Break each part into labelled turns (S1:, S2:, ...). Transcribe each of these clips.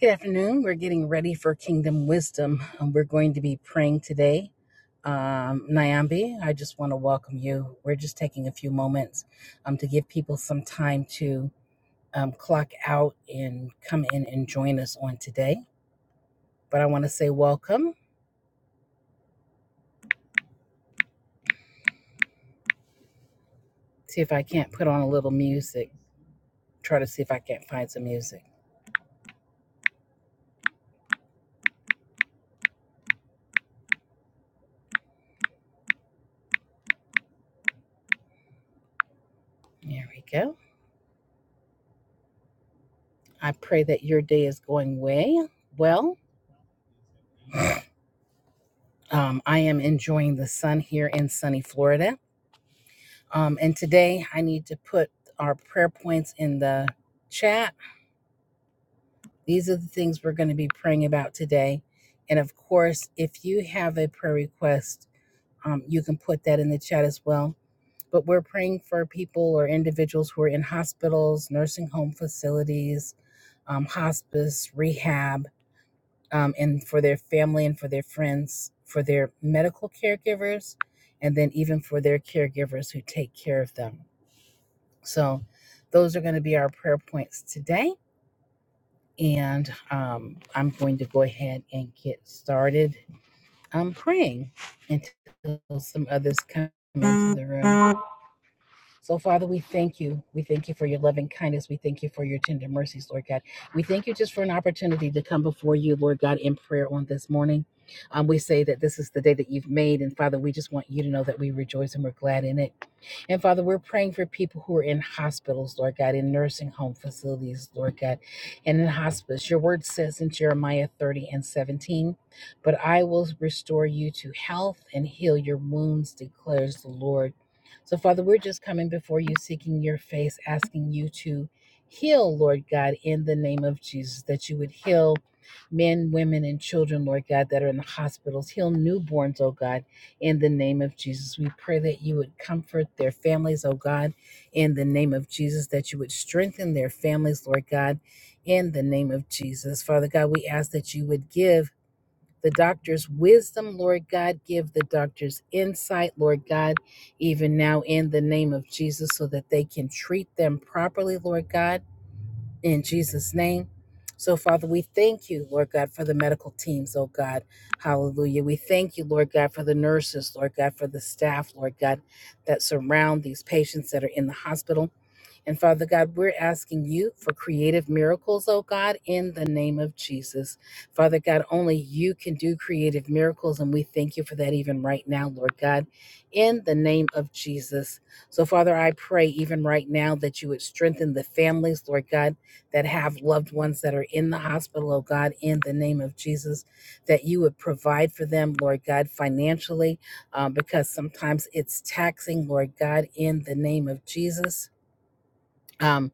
S1: Good afternoon. We're getting ready for Kingdom Wisdom. Um, We're going to be praying today. Um, Nyambi, I just want to welcome you. We're just taking a few moments um, to give people some time to um, clock out and come in and join us on today. But I want to say welcome. See if I can't put on a little music. Try to see if I can't find some music. There we go. I pray that your day is going way well. Um, I am enjoying the sun here in sunny Florida Um, and today I need to put our prayer points in the chat. These are the things we're going to be praying about today. And of course, if you have a prayer request, um, you can put that in the chat as well. But we're praying for people or individuals who are in hospitals, nursing home facilities, um, hospice, rehab, um, and for their family and for their friends, for their medical caregivers, and then even for their caregivers who take care of them. So, those are going to be our prayer points today. And um, I'm going to go ahead and get started um, praying until some others come into the room. So, Father, we thank you. We thank you for your loving kindness. We thank you for your tender mercies, Lord God. We thank you just for an opportunity to come before you, Lord God, in prayer on this morning. Um, we say that this is the day that you've made. And, Father, we just want you to know that we rejoice and we're glad in it. And Father, we're praying for people who are in hospitals, Lord God, in nursing home facilities, Lord God, and in hospice. Your word says in Jeremiah 30 and 17, But I will restore you to health and heal your wounds, declares the Lord. So, Father, we're just coming before you, seeking your face, asking you to heal, Lord God, in the name of Jesus, that you would heal men, women, and children, Lord God, that are in the hospitals. Heal newborns, oh God in the name of Jesus. We pray that you would comfort their families, oh God, in the name of Jesus, that you would strengthen their families, Lord God, in the name of Jesus. Father God, we ask that you would give the doctors wisdom, Lord God, give the doctors insight, Lord God, even now in the name of Jesus, so that they can treat them properly, Lord God in Jesus' name. So, Father, we thank you, Lord God, for the medical teams, oh God. Hallelujah. We thank you, Lord God, for the nurses, Lord God, for the staff, Lord God, that surround these patients that are in the hospital. And Father God, we're asking you for creative miracles, oh God, in the name of Jesus. Father God, only you can do creative miracles, and we thank you for that even right now, Lord God, in the name of Jesus. So, Father, I pray even right now that you would strengthen the families, Lord God, that have loved ones that are in the hospital, oh God, in the name of Jesus, that you would provide for them, Lord God, financially, uh, because sometimes it's taxing, Lord God, in the name of Jesus um,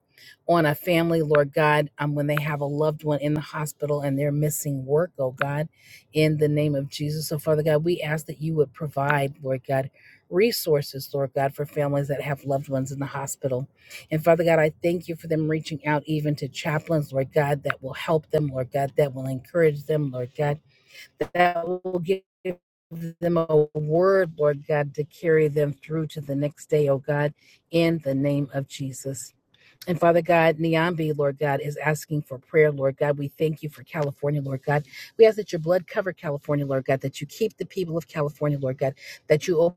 S1: on a family, Lord God, um, when they have a loved one in the hospital and they're missing work, oh God, in the name of Jesus. So, Father God, we ask that you would provide, Lord God, resources, Lord God, for families that have loved ones in the hospital. And Father God, I thank you for them reaching out even to chaplains, Lord God, that will help them, Lord God, that will encourage them, Lord God, that will give them a word, Lord God, to carry them through to the next day, oh God, in the name of Jesus. And Father God, Niambi, Lord God, is asking for prayer, Lord God. We thank you for California, Lord God. We ask that your blood cover California, Lord God, that you keep the people of California, Lord God, that you open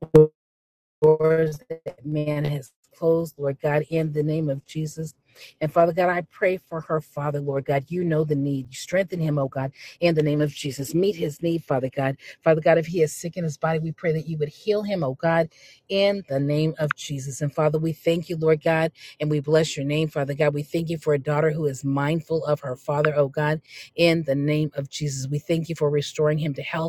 S1: doors that man has closed, Lord God, in the name of Jesus. And Father God, I pray for her, Father, Lord God. You know the need. You strengthen him, oh God, in the name of Jesus. Meet his need, Father God. Father God, if he is sick in his body, we pray that you would heal him, oh God, in the name of Jesus. And Father, we thank you, Lord God, and we bless your name, Father God. We thank you for a daughter who is mindful of her father, oh God, in the name of Jesus. We thank you for restoring him to health.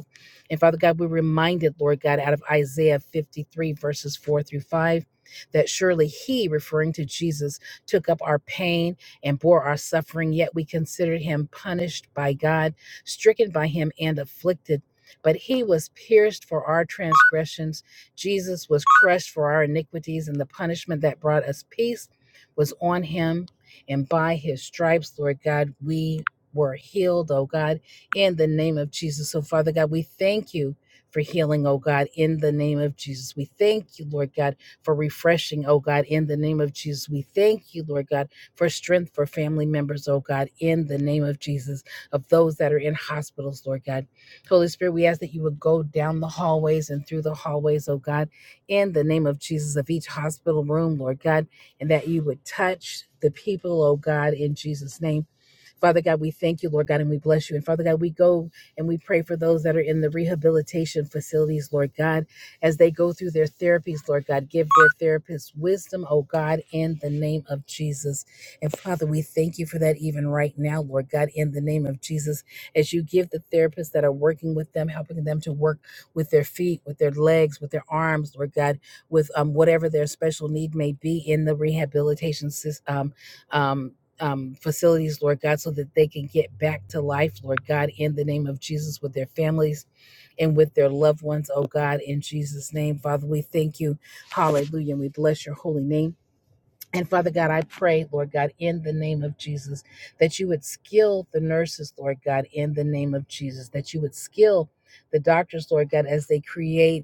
S1: And Father God, we're reminded, Lord God, out of Isaiah 53, verses 4 through 5, that surely He, referring to Jesus, took up our pain and bore our suffering, yet we considered Him punished by God, stricken by Him, and afflicted. But He was pierced for our transgressions, Jesus was crushed for our iniquities, and the punishment that brought us peace was on Him. And by His stripes, Lord God, we were healed, oh God in the name of Jesus. So, Father God, we thank you for healing, oh God, in the name of Jesus. We thank you, Lord God, for refreshing, oh God, in the name of Jesus. We thank you, Lord God, for strength for family members, oh God, in the name of Jesus, of those that are in hospitals, Lord God. Holy Spirit, we ask that you would go down the hallways and through the hallways, oh God, in the name of Jesus, of each hospital room, Lord God, and that you would touch the people, oh God, in Jesus' name Father God, we thank you, Lord God, and we bless you. And Father God, we go and we pray for those that are in the rehabilitation facilities, Lord God, as they go through their therapies, Lord God. Give their therapists wisdom, oh God, in the name of Jesus. And Father, we thank you for that even right now, Lord God, in the name of Jesus, as you give the therapists that are working with them, helping them to work with their feet, with their legs, with their arms, Lord God, with um, whatever their special need may be in the rehabilitation system. Um, um, um, facilities, Lord God, so that they can get back to life, Lord God, in the name of Jesus with their families and with their loved ones, oh God, in Jesus' name. Father, we thank you. Hallelujah. And we bless your holy name. And Father God, I pray, Lord God, in the name of Jesus, that you would skill the nurses, Lord God, in the name of Jesus, that you would skill the doctors, Lord God, as they create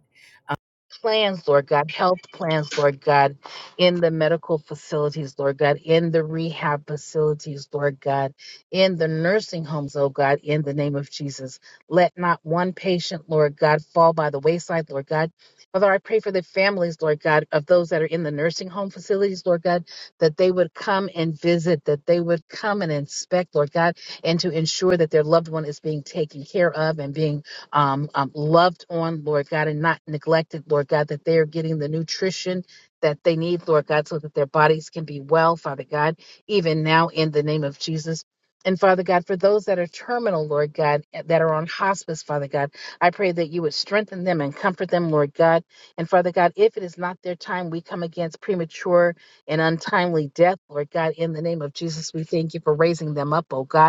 S1: plans, Lord God, health plans, Lord God, in the medical facilities, Lord God, in the rehab facilities, Lord God, in the nursing homes, oh God, in the name of Jesus. Let not one patient, Lord God, fall by the wayside, Lord God. Father, I pray for the families, Lord God, of those that are in the nursing home facilities, Lord God, that they would come and visit, that they would come and inspect, Lord God, and to ensure that their loved one is being taken care of and being um, um, loved on, Lord God, and not neglected, Lord God, that they are getting the nutrition that they need, Lord God, so that their bodies can be well, Father God, even now in the name of Jesus. And Father God, for those that are terminal, Lord God, eh, that are on hospice, Father God, I pray that you would strengthen them and comfort them, Lord God. And Father God, if it is not their time, we come against premature and untimely death, Lord God, in the name of Jesus. We thank you for raising them up, oh God.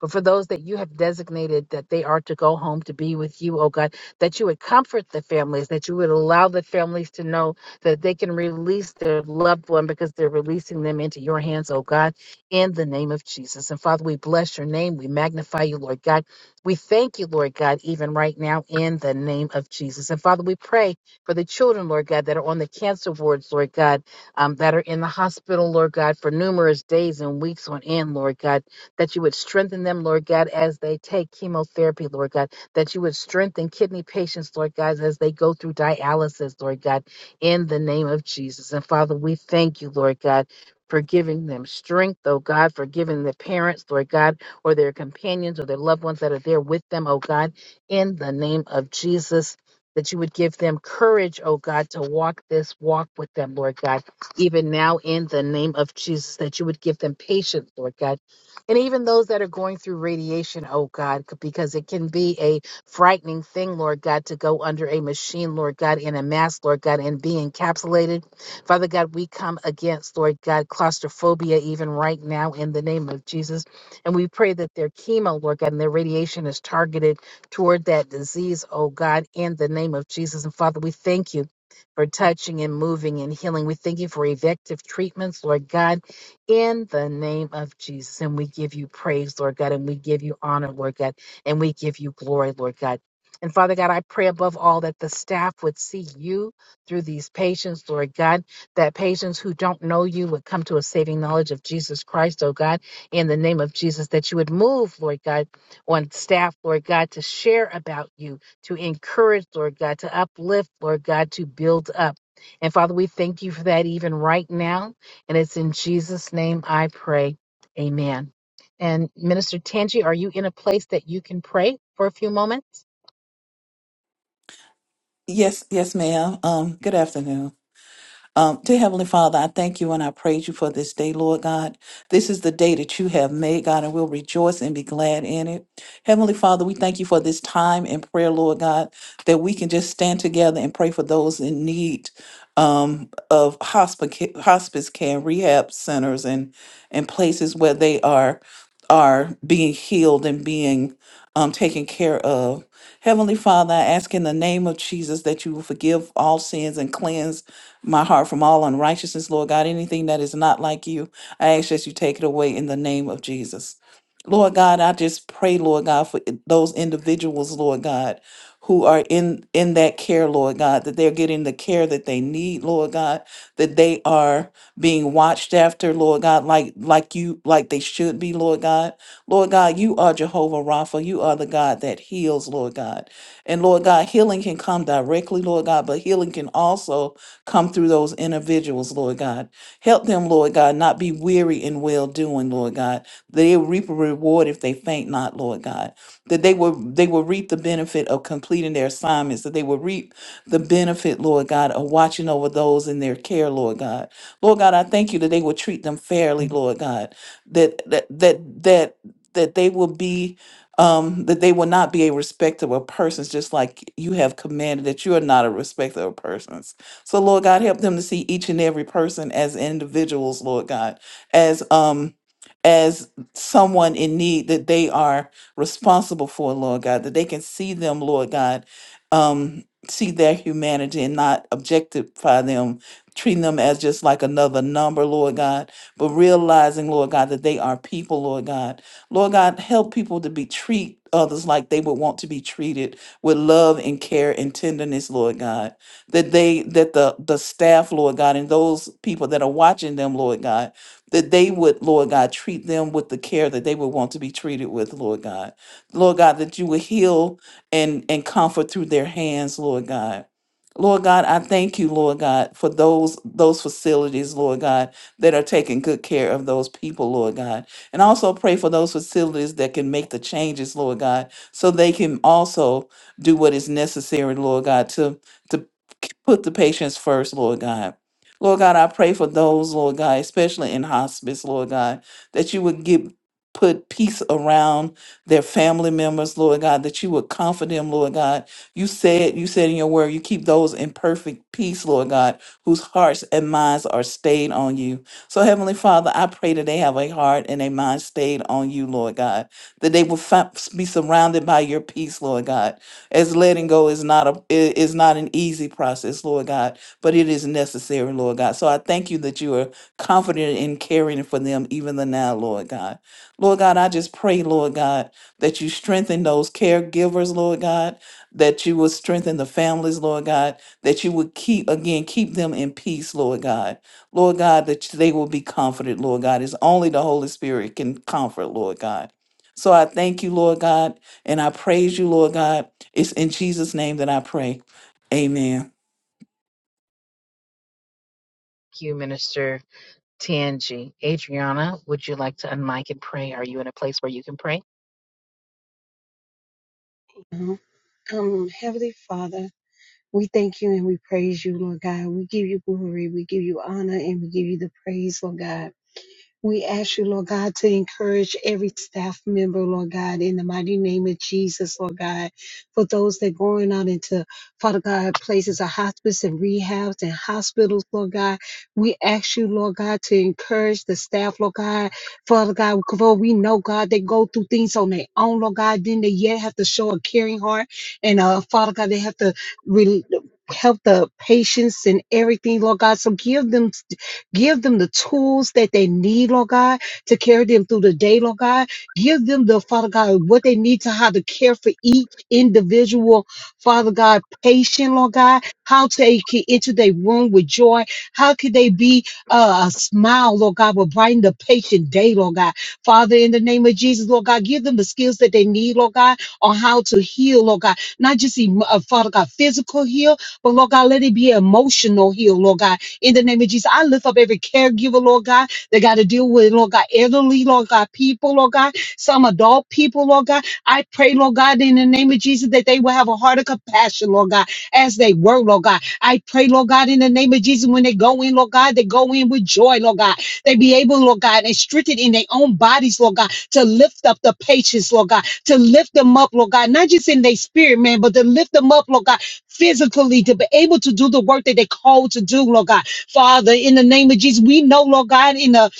S1: But for those that you have designated that they are to go home to be with you, oh God, that you would comfort the families, that you would allow the families to know that they can release their loved one because they're releasing them into your hands, oh God, in the name of Jesus. And Father, we bless your name. We magnify you, Lord God. We thank you, Lord God, even right now in the name of Jesus. And Father, we pray for the children, Lord God, that are on the cancer wards, Lord God, um, that are in the hospital, Lord God, for numerous days and weeks on end, Lord God that you would strengthen them, Lord God, as they take chemotherapy, Lord God, that you would strengthen kidney patients, Lord God, as they go through dialysis, Lord God, in the name of Jesus. And Father, we thank you, Lord God. For giving them strength, oh God, for giving the parents, Lord God, or their companions or their loved ones that are there with them, oh God, in the name of Jesus, that you would give them courage, oh God, to walk this walk with them, Lord God, even now in the name of Jesus, that you would give them patience, Lord God and even those that are going through radiation, oh God, c- because it can be a frightening thing, Lord God, to go under a machine, Lord God, in a mask, Lord God, and be encapsulated. Father God, we come against, Lord God, claustrophobia even right now in the name of Jesus. And we pray that their chemo, Lord God, and their radiation is targeted toward that disease, oh God, in the name of Jesus. And Father, we thank you for touching and moving and healing. We thank you for effective treatments, Lord God in the name of Jesus. And we give you praise, Lord God, and we give you honor, Lord God, and we give you glory, Lord God. And Father God, I pray above all that the staff would see you through these patients, Lord God, that patients who don't know you would come to a saving knowledge of Jesus Christ, oh God, in the name of Jesus, that you would move, Lord God, on staff, Lord God, to share about you, to encourage, Lord God, to uplift, Lord God, to build up. And Father, we thank you for that even right now. And it's in Jesus' name I pray. Amen. And Minister Tangi, are you in a place that you can pray for a few moments?
S2: Yes, yes, ma'am. Um, good afternoon. Um, dear Heavenly Father, I thank you and I praise you for this day, Lord God. This is the day that you have made, God, and we'll rejoice and be glad in it. Heavenly Father, we thank you for this time in prayer, Lord God, that we can just stand together and pray for those in need um, of hospice, hospice care, rehab centers, and and places where they are are being healed and being um, taken care of. Heavenly Father, I ask in the name of Jesus that you will forgive all sins and cleanse my heart from all unrighteousness, Lord God. Anything that is not like you, I ask that you take it away in the name of Jesus. Lord God, I just pray, Lord God, for i- those individuals, Lord God, who are in in that care, Lord God, that they're getting the care that they need, Lord God, that they are being watched after, Lord God, like like you like they should be, Lord God. Lord God, you are Jehovah Rapha. You are the God that heals, Lord God. And Lord God, healing can come directly, Lord God, but healing can also come through those individuals, Lord God. Help them, Lord God, not be weary in well doing, Lord God. They reap a reward if they faint not, Lord God. That they will they will reap the benefit of completing their assignments, that they will reap the benefit, Lord God, of watching over those in their care, Lord God. Lord God, I thank you that they will treat them fairly, Lord God. That that that that that they will be um that they will not be a respectable persons just like you have commanded that you are not a respectable persons so lord god help them to see each and every person as individuals lord god as um as someone in need that they are responsible for lord god that they can see them lord god um see their humanity and not objectify them treating them as just like another number lord god but realizing lord god that they are people lord god Lord God, help people to be treat others like they would want to be treated with love and care and tenderness, Lord God. That they that the the staff, Lord God, and those people that are watching them, Lord God, that they would, Lord God, treat them with the care that they would want to be treated with, Lord God. Lord God, that you would heal and and comfort through their hands, Lord God. Lord God, I thank you, Lord God, for those those facilities, Lord God, that are taking good care of those people, Lord God. And also pray for those facilities that can make the changes, Lord God, so they can also do what is necessary, Lord God, to, to put the patients first, Lord God. Lord God, I pray for those, Lord God, especially in hospice, Lord God, that you would give put peace around their family members, Lord God, that you would comfort them, Lord God. You said, you said in your word, you keep those in perfect peace, Lord God, whose hearts and minds are stayed on you. So, Heavenly Father, I pray that they have a heart and a mind stayed on you, Lord God, that they will fi- be surrounded by your peace, Lord God. As letting go is not a i- is not an easy process, Lord God, but it is necessary, Lord God. So I thank you that you are confident in caring for them even the now, Lord God. Lord God, I just pray, Lord God, that you strengthen those caregivers, Lord God, that you will strengthen the families, Lord God, that you would keep again keep them in peace, Lord God. Lord God, that they will be comforted, Lord God. It's only the Holy Spirit can comfort, Lord God. So I thank you, Lord God, and I praise you, Lord God. It's in Jesus' name that I pray. Amen.
S1: Thank you, Minister Tangi. Adriana, would you like to unmic and pray? Are you in a place where you can pray?
S3: now. Um, Heavenly Father, we thank you and we praise you, Lord God. We give you glory, we give you honor, and we give you the praise, Lord God. We ask you, Lord God, to encourage every staff member, Lord God, in the mighty name of Jesus, Lord God, for those that going out into, Father God, places of hospice and rehabs and hospitals, Lord God. We ask you, Lord God, to encourage the staff, Lord God, Father God, for we know, God, they go through things on their own, Lord God, then they yet have to show a caring heart. And uh, Father God, they have to really help the patients and everything, Lord God. So give them Give them the tools that they need, Lord God, to carry them through the day, Lord God. Give them the, Father God, what they need to how to care for each individual, Father God, patient, Lord God, how they can enter their room with joy. How could they be uh, a smile, Lord God, will brighten the patient day, Lord God. Father, in the name of Jesus, Lord God, give them the skills that they need, Lord God, on how to heal, Lord God. Not just, emo- uh, Father God, physical heal, but Lord God, let it be emotional heal, Lord God in the name of Jesus. I lift up every caregiver, Lord God, that got to deal with, Lord God, elderly, Lord God, people, Lord God, some adult people, Lord God. I pray, Lord God, in the name of Jesus, that they will have a heart of compassion, Lord God, as they were, Lord God. I pray, Lord God, in the name of Jesus, when they go in, Lord God, they go in with joy, Lord God. They be able, Lord God, and strengthened in their own bodies, Lord God, to lift up the patients, Lord God, to lift them up, Lord God, not just in their spirit, man, but to lift them up, Lord God, physically, to be able to do the work that they called to do, Lord God. Father, in the name of Jesus, we know, Lord God, in the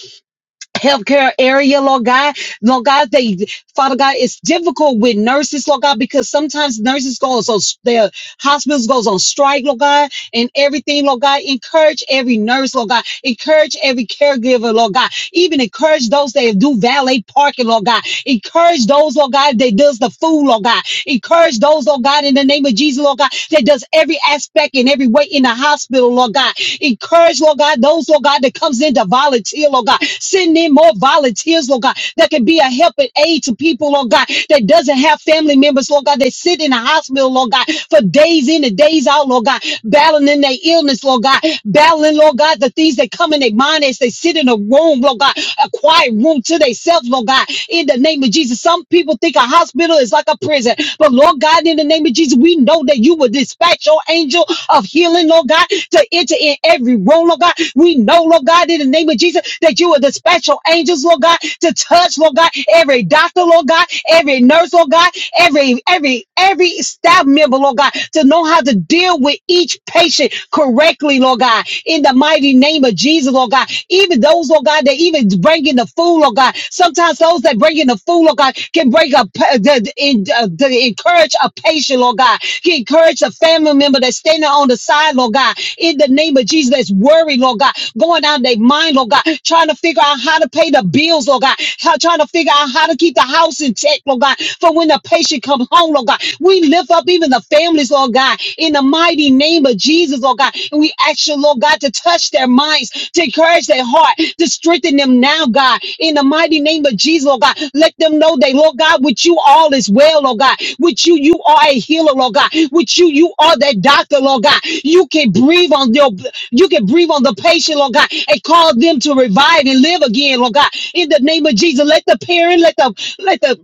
S3: healthcare area, Lord God, Lord God, they, Father God, it's difficult with nurses, Lord God, because sometimes nurses go on, so their hospitals goes on strike, Lord God, and everything, Lord God. Encourage every nurse, Lord God. Encourage every caregiver, Lord God. Even encourage those that do valet parking, Lord God. Encourage those, Lord God, that does the food, Lord God. Encourage those, Lord God, in the name of Jesus, Lord God, that does every aspect and every way in the hospital, Lord God. Encourage, Lord God, those, Lord God, that comes in to volunteer, Lord God. Send in more volunteers, Lord God, that can be a help and aid to people, Lord God, that doesn't have family members, Lord God, that sit in the hospital, Lord God, for days in in and days out, Lord God, battling in their illness, Lord God, battling, Lord God, the things that come in their mind as they sit in a room, Lord God, a quiet room to themselves, Lord God, in the name of Jesus. Some people think a hospital is like a prison, but Lord God, in the name of Jesus, we know that you will dispatch your angel of healing, Lord God, to enter in every room, Lord God. We know, Lord God, in the name of Jesus, that you will dispatch your angels, Lord God, to touch, Lord God, every doctor, Lord God, every nurse, Lord God, every every every staff member, Lord God, to know how to deal with each patient correctly, Lord God, in the mighty name of Jesus, Lord God. Even those, Lord God, that even bring in the food, Lord God. Sometimes those that bring in the food, Lord God, can bring up the, the, in- uh, the- encourage a patient, Lord God. Can encourage a family member that's standing on the side, Lord God, in the name of Jesus, that's worried, Lord God, going out of their mind, Lord God, trying to figure out how to pay the bills, Lord God, how, trying to figure out how to keep the house in check, Lord God, for when the patient salvation come home, Lord God. We lift up even the families, Lord God, in the mighty name of Jesus, Lord God. And we ask you, Lord God, to touch their minds, to encourage their heart, to strengthen them now, God, in the mighty name of Jesus, Lord God. Let them know they, Lord God, with you all is well, Lord God. With you, you are a healer, Lord God. With you, you are that doctor, Lord God. You can breathe on your you can breathe on the patient, Lord God, and cause them to revive and live again, Lord God. In the name of Jesus, let the parent, let the let the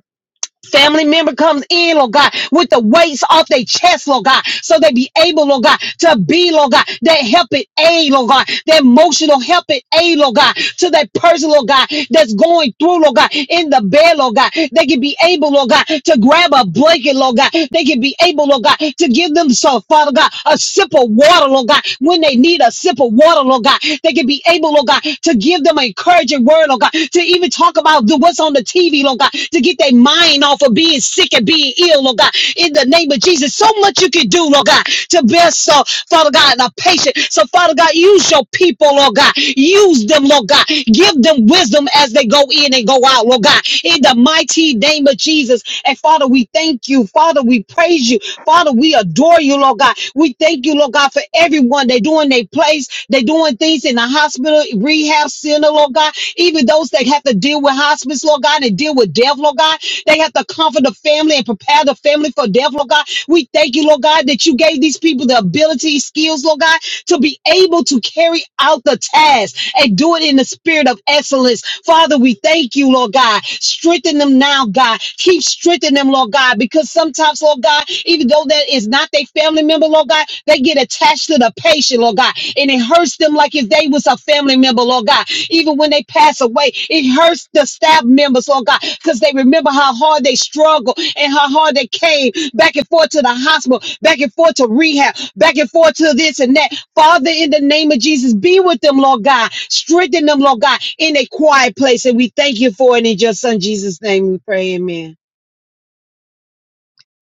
S3: Family member comes in, Lord God, with the weights off their chest, Lord God, so they be able, Lord God, to be, Lord God, that helping aid, Lord God, that emotional helping aid, Lord God, to that person, Lord God, that's going through, Lord God, in the bed, Lord God. They can be able, Lord God, to grab a blanket, Lord God. They can be able, Lord God, to give them some, Father God, a sip of water, Lord God, when they need a sip of water, Lord God. They can be able, Lord God, to give them an encouraging word, Lord God, to even talk about the what's that's on the TV, Lord God, to get their mind off of being sick and being ill, Lord God. In the name of Jesus, so much you can do, Lord God, to bless, uh, Father God, and our patient. So, Father God, use your people, Lord God. Use them, Lord God. Give them wisdom as they go in and go out, Lord God. In the mighty name of Jesus. And Father, we thank you. Father, we praise you. Father, we adore you, Lord God. We thank you, Lord God, for everyone. They're doing their place. They're doing things in the hospital, rehab center, Lord God. Even those that have to deal with hospice, Lord God, and deal with death, Lord God, they have to comfort the family and prepare the family for death, Lord God. We thank you, Lord God, that you gave these people the ability, skills, Lord God, to be able to carry out the task and do it in the spirit of excellence. Father, we thank you, Lord God. Strengthen them now, God. Keep strengthening them, Lord God, because sometimes, Lord God, even though that is not their family member, Lord God, they get attached to the patient, Lord God, and it hurts them like if they was a family member, Lord God. Even when they pass away, it hurts the staff members, Lord God, because they remember how hard they struggled and how hard they came back and forth to the hospital, back and forth to rehab, back and forth to this and that. Father, in the name of Jesus, be with them, Lord God. Strengthen them, Lord God, in a quiet place. And we thank you for it in your son Jesus' name. We pray, amen.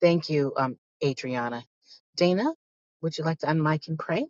S1: Thank you, um, Adriana. Dana, would you like to unmic and pray?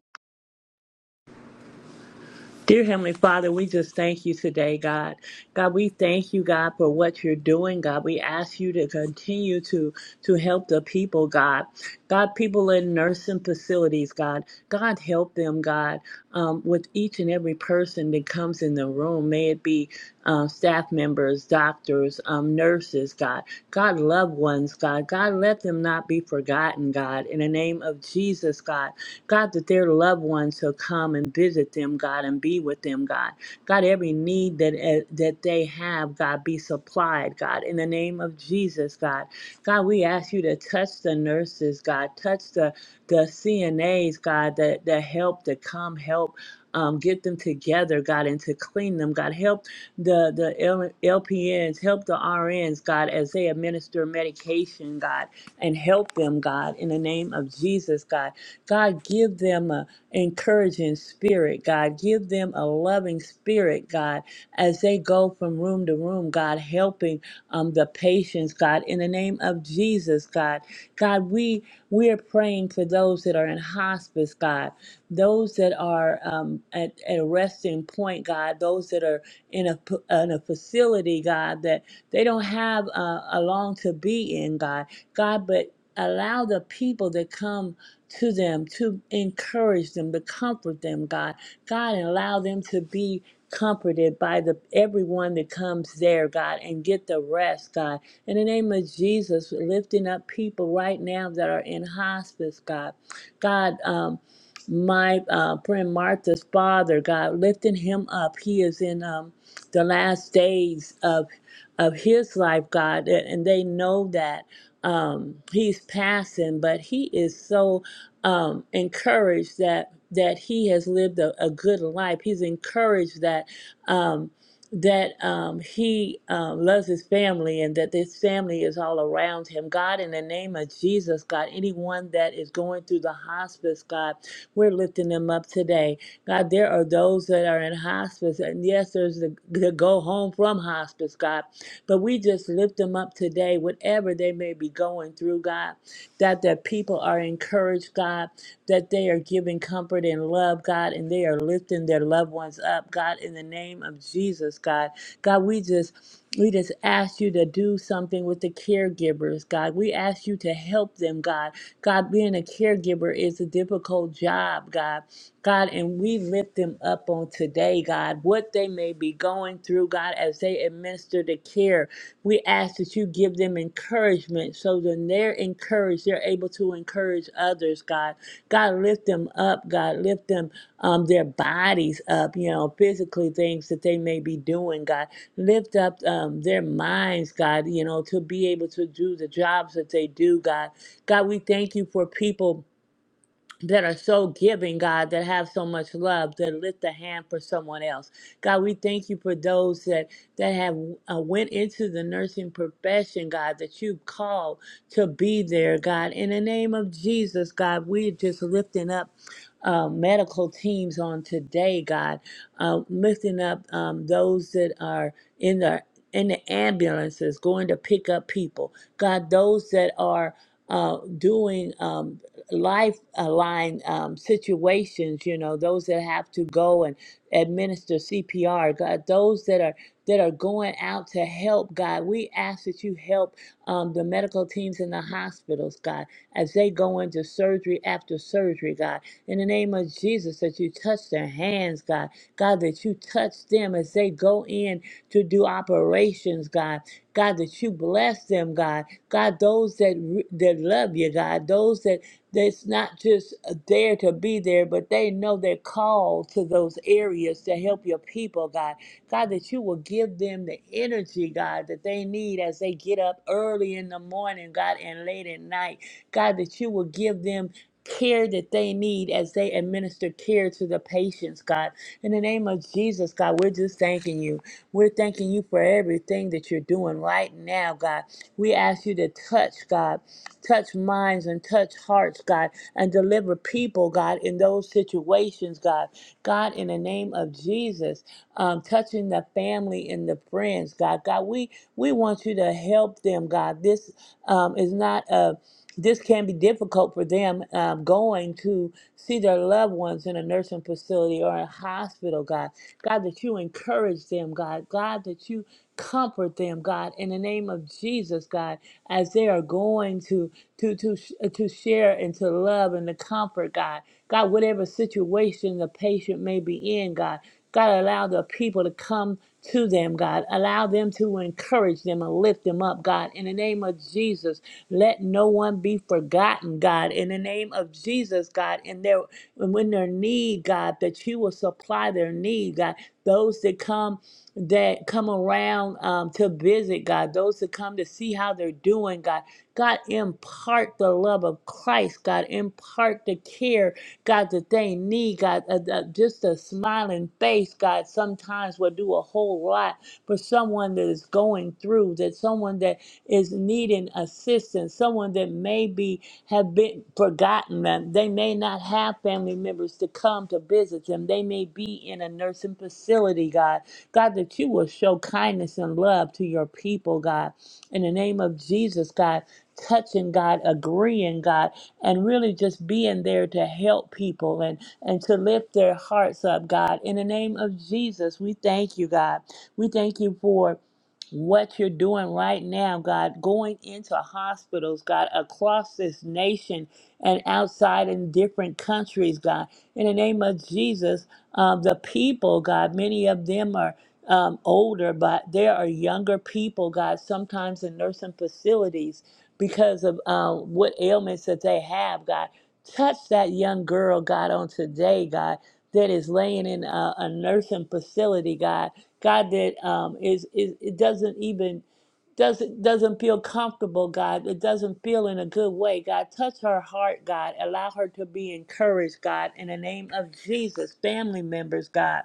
S4: Dear Heavenly Father, we just thank you today, God. God, we thank you, God, for what you're doing, God. We ask you to continue to to help the people, God. God, people in nursing facilities, God. God, help them, God, um, with each and every person that comes in the room. May it be uh, staff members, doctors, um, nurses, God. God, loved ones, God. God, let them not be forgotten, God. In the name of Jesus, God. God, that their loved ones will come and visit them, God, and be with them, God. God, every need that eh, that they have, God, be supplied, God, in the name of Jesus, God. God, we ask you to touch the nurses, God, touch the the CNAs, God, that that help to come help. Um, get them together, God, and to clean them, God. Help the the L- LPNs, help the RNs, God, as they administer medication, God, and help them, God, in the name of Jesus, God. God, give them a encouraging spirit, God. Give them a loving spirit, God, as they go from room to room, God, helping um, the patients, God, in the name of Jesus, God. God, we we are praying for those that are in hospice, God, those that are um, at, at a resting point, God, those that are in a, p- in a facility, God, that they don't have uh, a long to be in, God. God, but allow the people that come to them, to encourage them, to comfort them, God. God, and allow them to be comforted by the everyone that comes there, God, and get the rest, God. In the name of Jesus, lifting up people right now that are in hospice, God. God, um, my uh, friend Martha's father, God, lifting him up. He is in um, the last days of of his life, God, and and they know that um, he's passing, but he is so um, encouraged that that he has lived a, a good life. He's encouraged that um, that um, he um, loves his family and that this family is all around him. God, in the name of Jesus, God, anyone that is going through the hospice, God, we're lifting them up today. God, there are those that are in hospice, and yes, there's the, the go home from hospice, God, but we just lift them up today, whatever they may be going through, God that the people are encouraged, God, that they are giving comfort and love, God, and they are lifting their loved ones up, God, in the name of Jesus, God. God, we just we just ask you to do something with the caregivers, God. We ask you to help them, God. God, being a caregiver is a difficult job, God. God, and we lift them up on today, God, what they may be going through, God, as they administer the care we ask that you give them encouragement so that they're encouraged, they're able to encourage others, God. God, lift them up, God. Lift them, um, their bodies up, you know, physically things that they may be doing, God. Lift up um, their minds, God, you know, to be able to do the jobs that they do, God. God, we thank you for people that are so giving, God, that have so much love, that lift a hand for someone else. God, we thank you for those that that have uh, went into the nursing profession, God, that you've called to be there, God. In the name of Jesus, God, we're just lifting up uh, medical teams on today, God, uh, lifting up um, those that are in the in the ambulances going to pick up people, God, those that are uh, doing. Um, life line um, situations, you know, those that have to go and administer CPR, God, those that are that are going out to help, God, we ask that you help um, the medical teams in the hospitals, God, as they go into surgery after surgery, God, in the name of Jesus, that you touch their hands, God, God, that you touch them as they go in to do operations, God, God, that you bless them, God, God, those that re- that love you, God, those that it's not just there to be there, but they know they're called to those areas to help your people, God. God, that you will give them the energy, God, that they need as they get up early in the morning, God, and late at night. God, that you will give them care that they need as they administer care to the patients, God. In the name of Jesus, God, we're just thanking you. We're thanking you for everything that you're doing right now, God. We ask you to touch, God touch minds and touch hearts, God, and deliver people, God, in those situations, God. God, in the name of Jesus, um, touching the family and the friends, God. God, we we want you to help them, God. This um, is not a this can be difficult for them um, going to see their loved ones in a nursing facility or a hospital, God. God, that you encourage them, God. God, that you comfort them, God, in the name of Jesus, God, as they are going to to to sh- uh, to share and to love and to comfort, God. God, whatever situation the patient may be in, God. God, allow the people to come to them, God. Allow them to encourage them and lift them up, God, in the name of Jesus. Let no one be forgotten, God, in the name of Jesus, God, in their and when their need, God, that you will supply their need, God. Those that come that come around um, to visit, God, those that come to see how they're doing, God. God, impart the love of Christ, God, impart the care, God, that they need, God. Uh, uh, just a smiling face, God, sometimes will do a whole lot for someone that is going through, that someone that is needing assistance, someone that may be have been forgotten them. They may not have family members to come to visit them. They may be in a nursing facility, God. God, that you will show kindness and love to your people, God. In the name of Jesus, God, touching God, agreeing God, and really just being there to help people and, and to lift their hearts up, God. In the name of Jesus, we thank you, God. We thank you for what you're doing right now, God, going into hospitals, God, across this nation and outside in different countries, God. In the name of Jesus, um, the people, God, many of them are um, older, but there are younger people, God, sometimes in nursing facilities because of um, what ailments that they have, God. Touch that young girl, God, on today, God, that is laying in a, a nursing facility, God. God that um, is is it doesn't even doesn't doesn't feel comfortable, God. It doesn't feel in a good way, God. Touch her heart, God. Allow her to be encouraged, God. In the name of Jesus, family members, God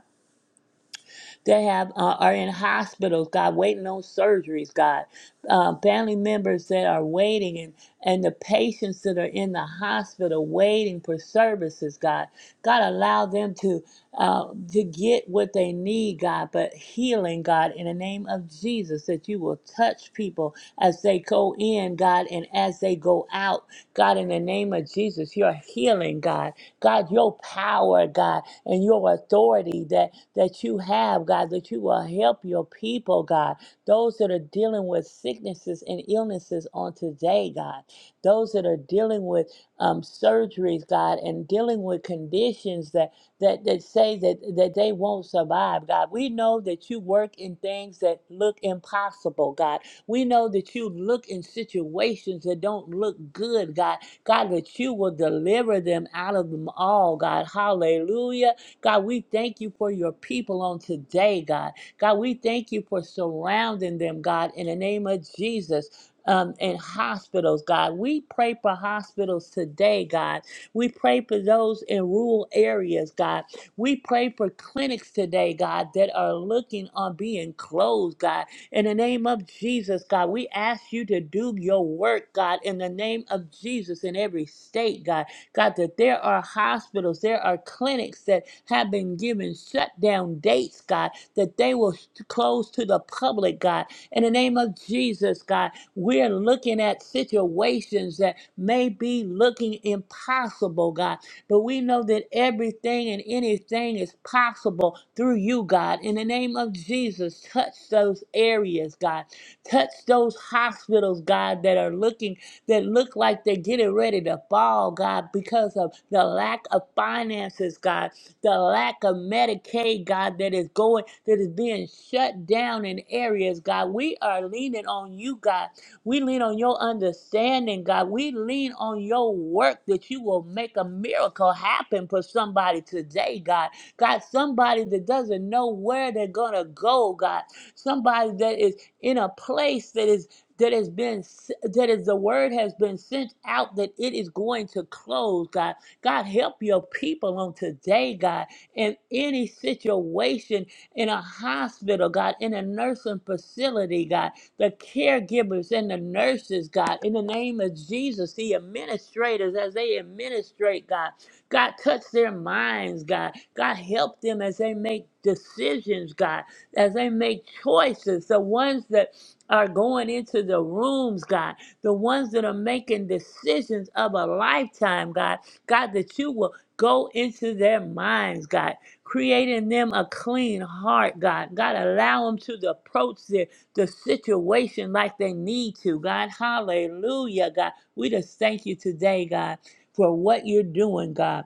S4: that have uh, are in hospitals, God, waiting on surgeries, God, uh, family members that are waiting, and and the patients that are in the hospital waiting for services, God, God, allow them to uh, to get what they need, God, but healing, God, in the name of Jesus, that you will touch people as they go in, God, and as they go out, God, in the name of Jesus, your healing, God, God, your power, God and your authority that, that you have, God, that you will help your people, God. Those that are dealing with sicknesses and illnesses on today, God. Those that are dealing with um, surgeries, God, and dealing with conditions that that, that say that, that they won't survive, God. We know that you work in things that look impossible, God. We know that you look in situations that don't look good, God. God, that you will deliver them out of them all, God. Hallelujah God, we thank you for your people on today, God. God, we thank you for surrounding them, God, in the name of Jesus. Um, in hospitals, God. We pray for hospitals today, God. We pray for those in rural areas, God. We pray for clinics today, God, that are looking on being closed, God. In the name of Jesus, God, we ask you to do your work, God, in the name of Jesus in every state, God God, that there are hospitals, there are clinics that have been given shutdown dates, God, that they will sh- close to the public, God. In the name of Jesus, God, we're looking at situations that may be looking impossible, God, but we know that everything and anything is possible through you, God. In the name of Jesus, touch those areas, God. Touch those hospitals, God, that are looking that look like they're getting ready to fall, God, because of the lack of finances, God, the lack of Medicaid, God, that is going, that is being shut down in areas, God. We are leaning on you, God. We lean on your understanding, God. We lean on your work that you will make a miracle happen for somebody today, God. God, somebody that doesn't know where they're going to go, God. Somebody that is in a place that is that has been s- that is the word has been sent out that it is going to close god god help your people on today god in any situation in a hospital god in a nursing facility god the caregivers and the nurses god in the name of jesus the administrators as they administrate god god touch their minds god god help them as they make decisions god as they make choices the ones that are going into the rooms, God, the ones that are making decisions of a lifetime, God, God, that you will go into their minds, God, creating them a clean heart, God, God, allow them to approach the, the situation like they need to, God, hallelujah, God, we just thank you today, God, for what you're doing, God.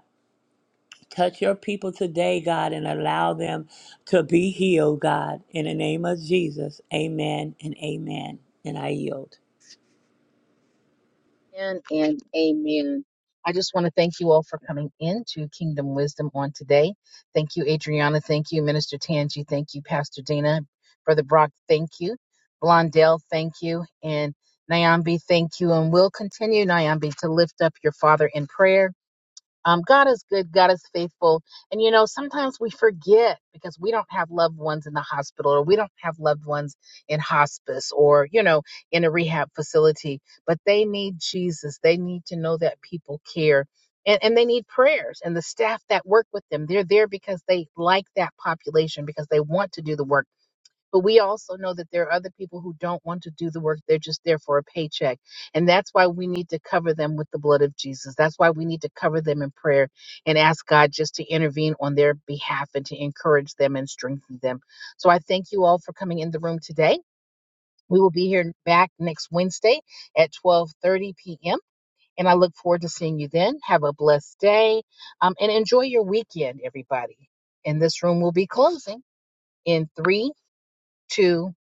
S4: Touch your people today, God, and allow them to be healed, God. In the name of Jesus, amen and amen. And I yield.
S1: Amen and amen. I just want to thank you all for coming into Kingdom Wisdom on today. Thank you, Adriana. Thank you, Minister Tangi. Thank you, Pastor Dana. Brother Brock, thank you. Blondell, thank you. And Nyambi, thank you. And we'll continue, Nyambi, to lift up your father in prayer. Um, God is good, God is faithful. And you know, sometimes we forget because we don't have loved ones in the hospital or we don't have loved ones in hospice or, you know, in a rehab facility, but they need Jesus. They need to know that people care. And, and they need prayers and the staff that work with them they're there because they like that population because they want to do the work but we also know that there are other people who don't want to do the work. They're just there for a paycheck. And that's why we need to cover them with the blood of Jesus. That's why we need to cover them in prayer and ask God just to intervene on their behalf and to encourage them and strengthen them. So I thank you all for coming in the room today. We will be here back next Wednesday at 12:30 p.m. And I look forward to seeing you then. Have a blessed day um, and enjoy your weekend, everybody. And this room will be closing in three, two,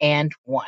S1: and one.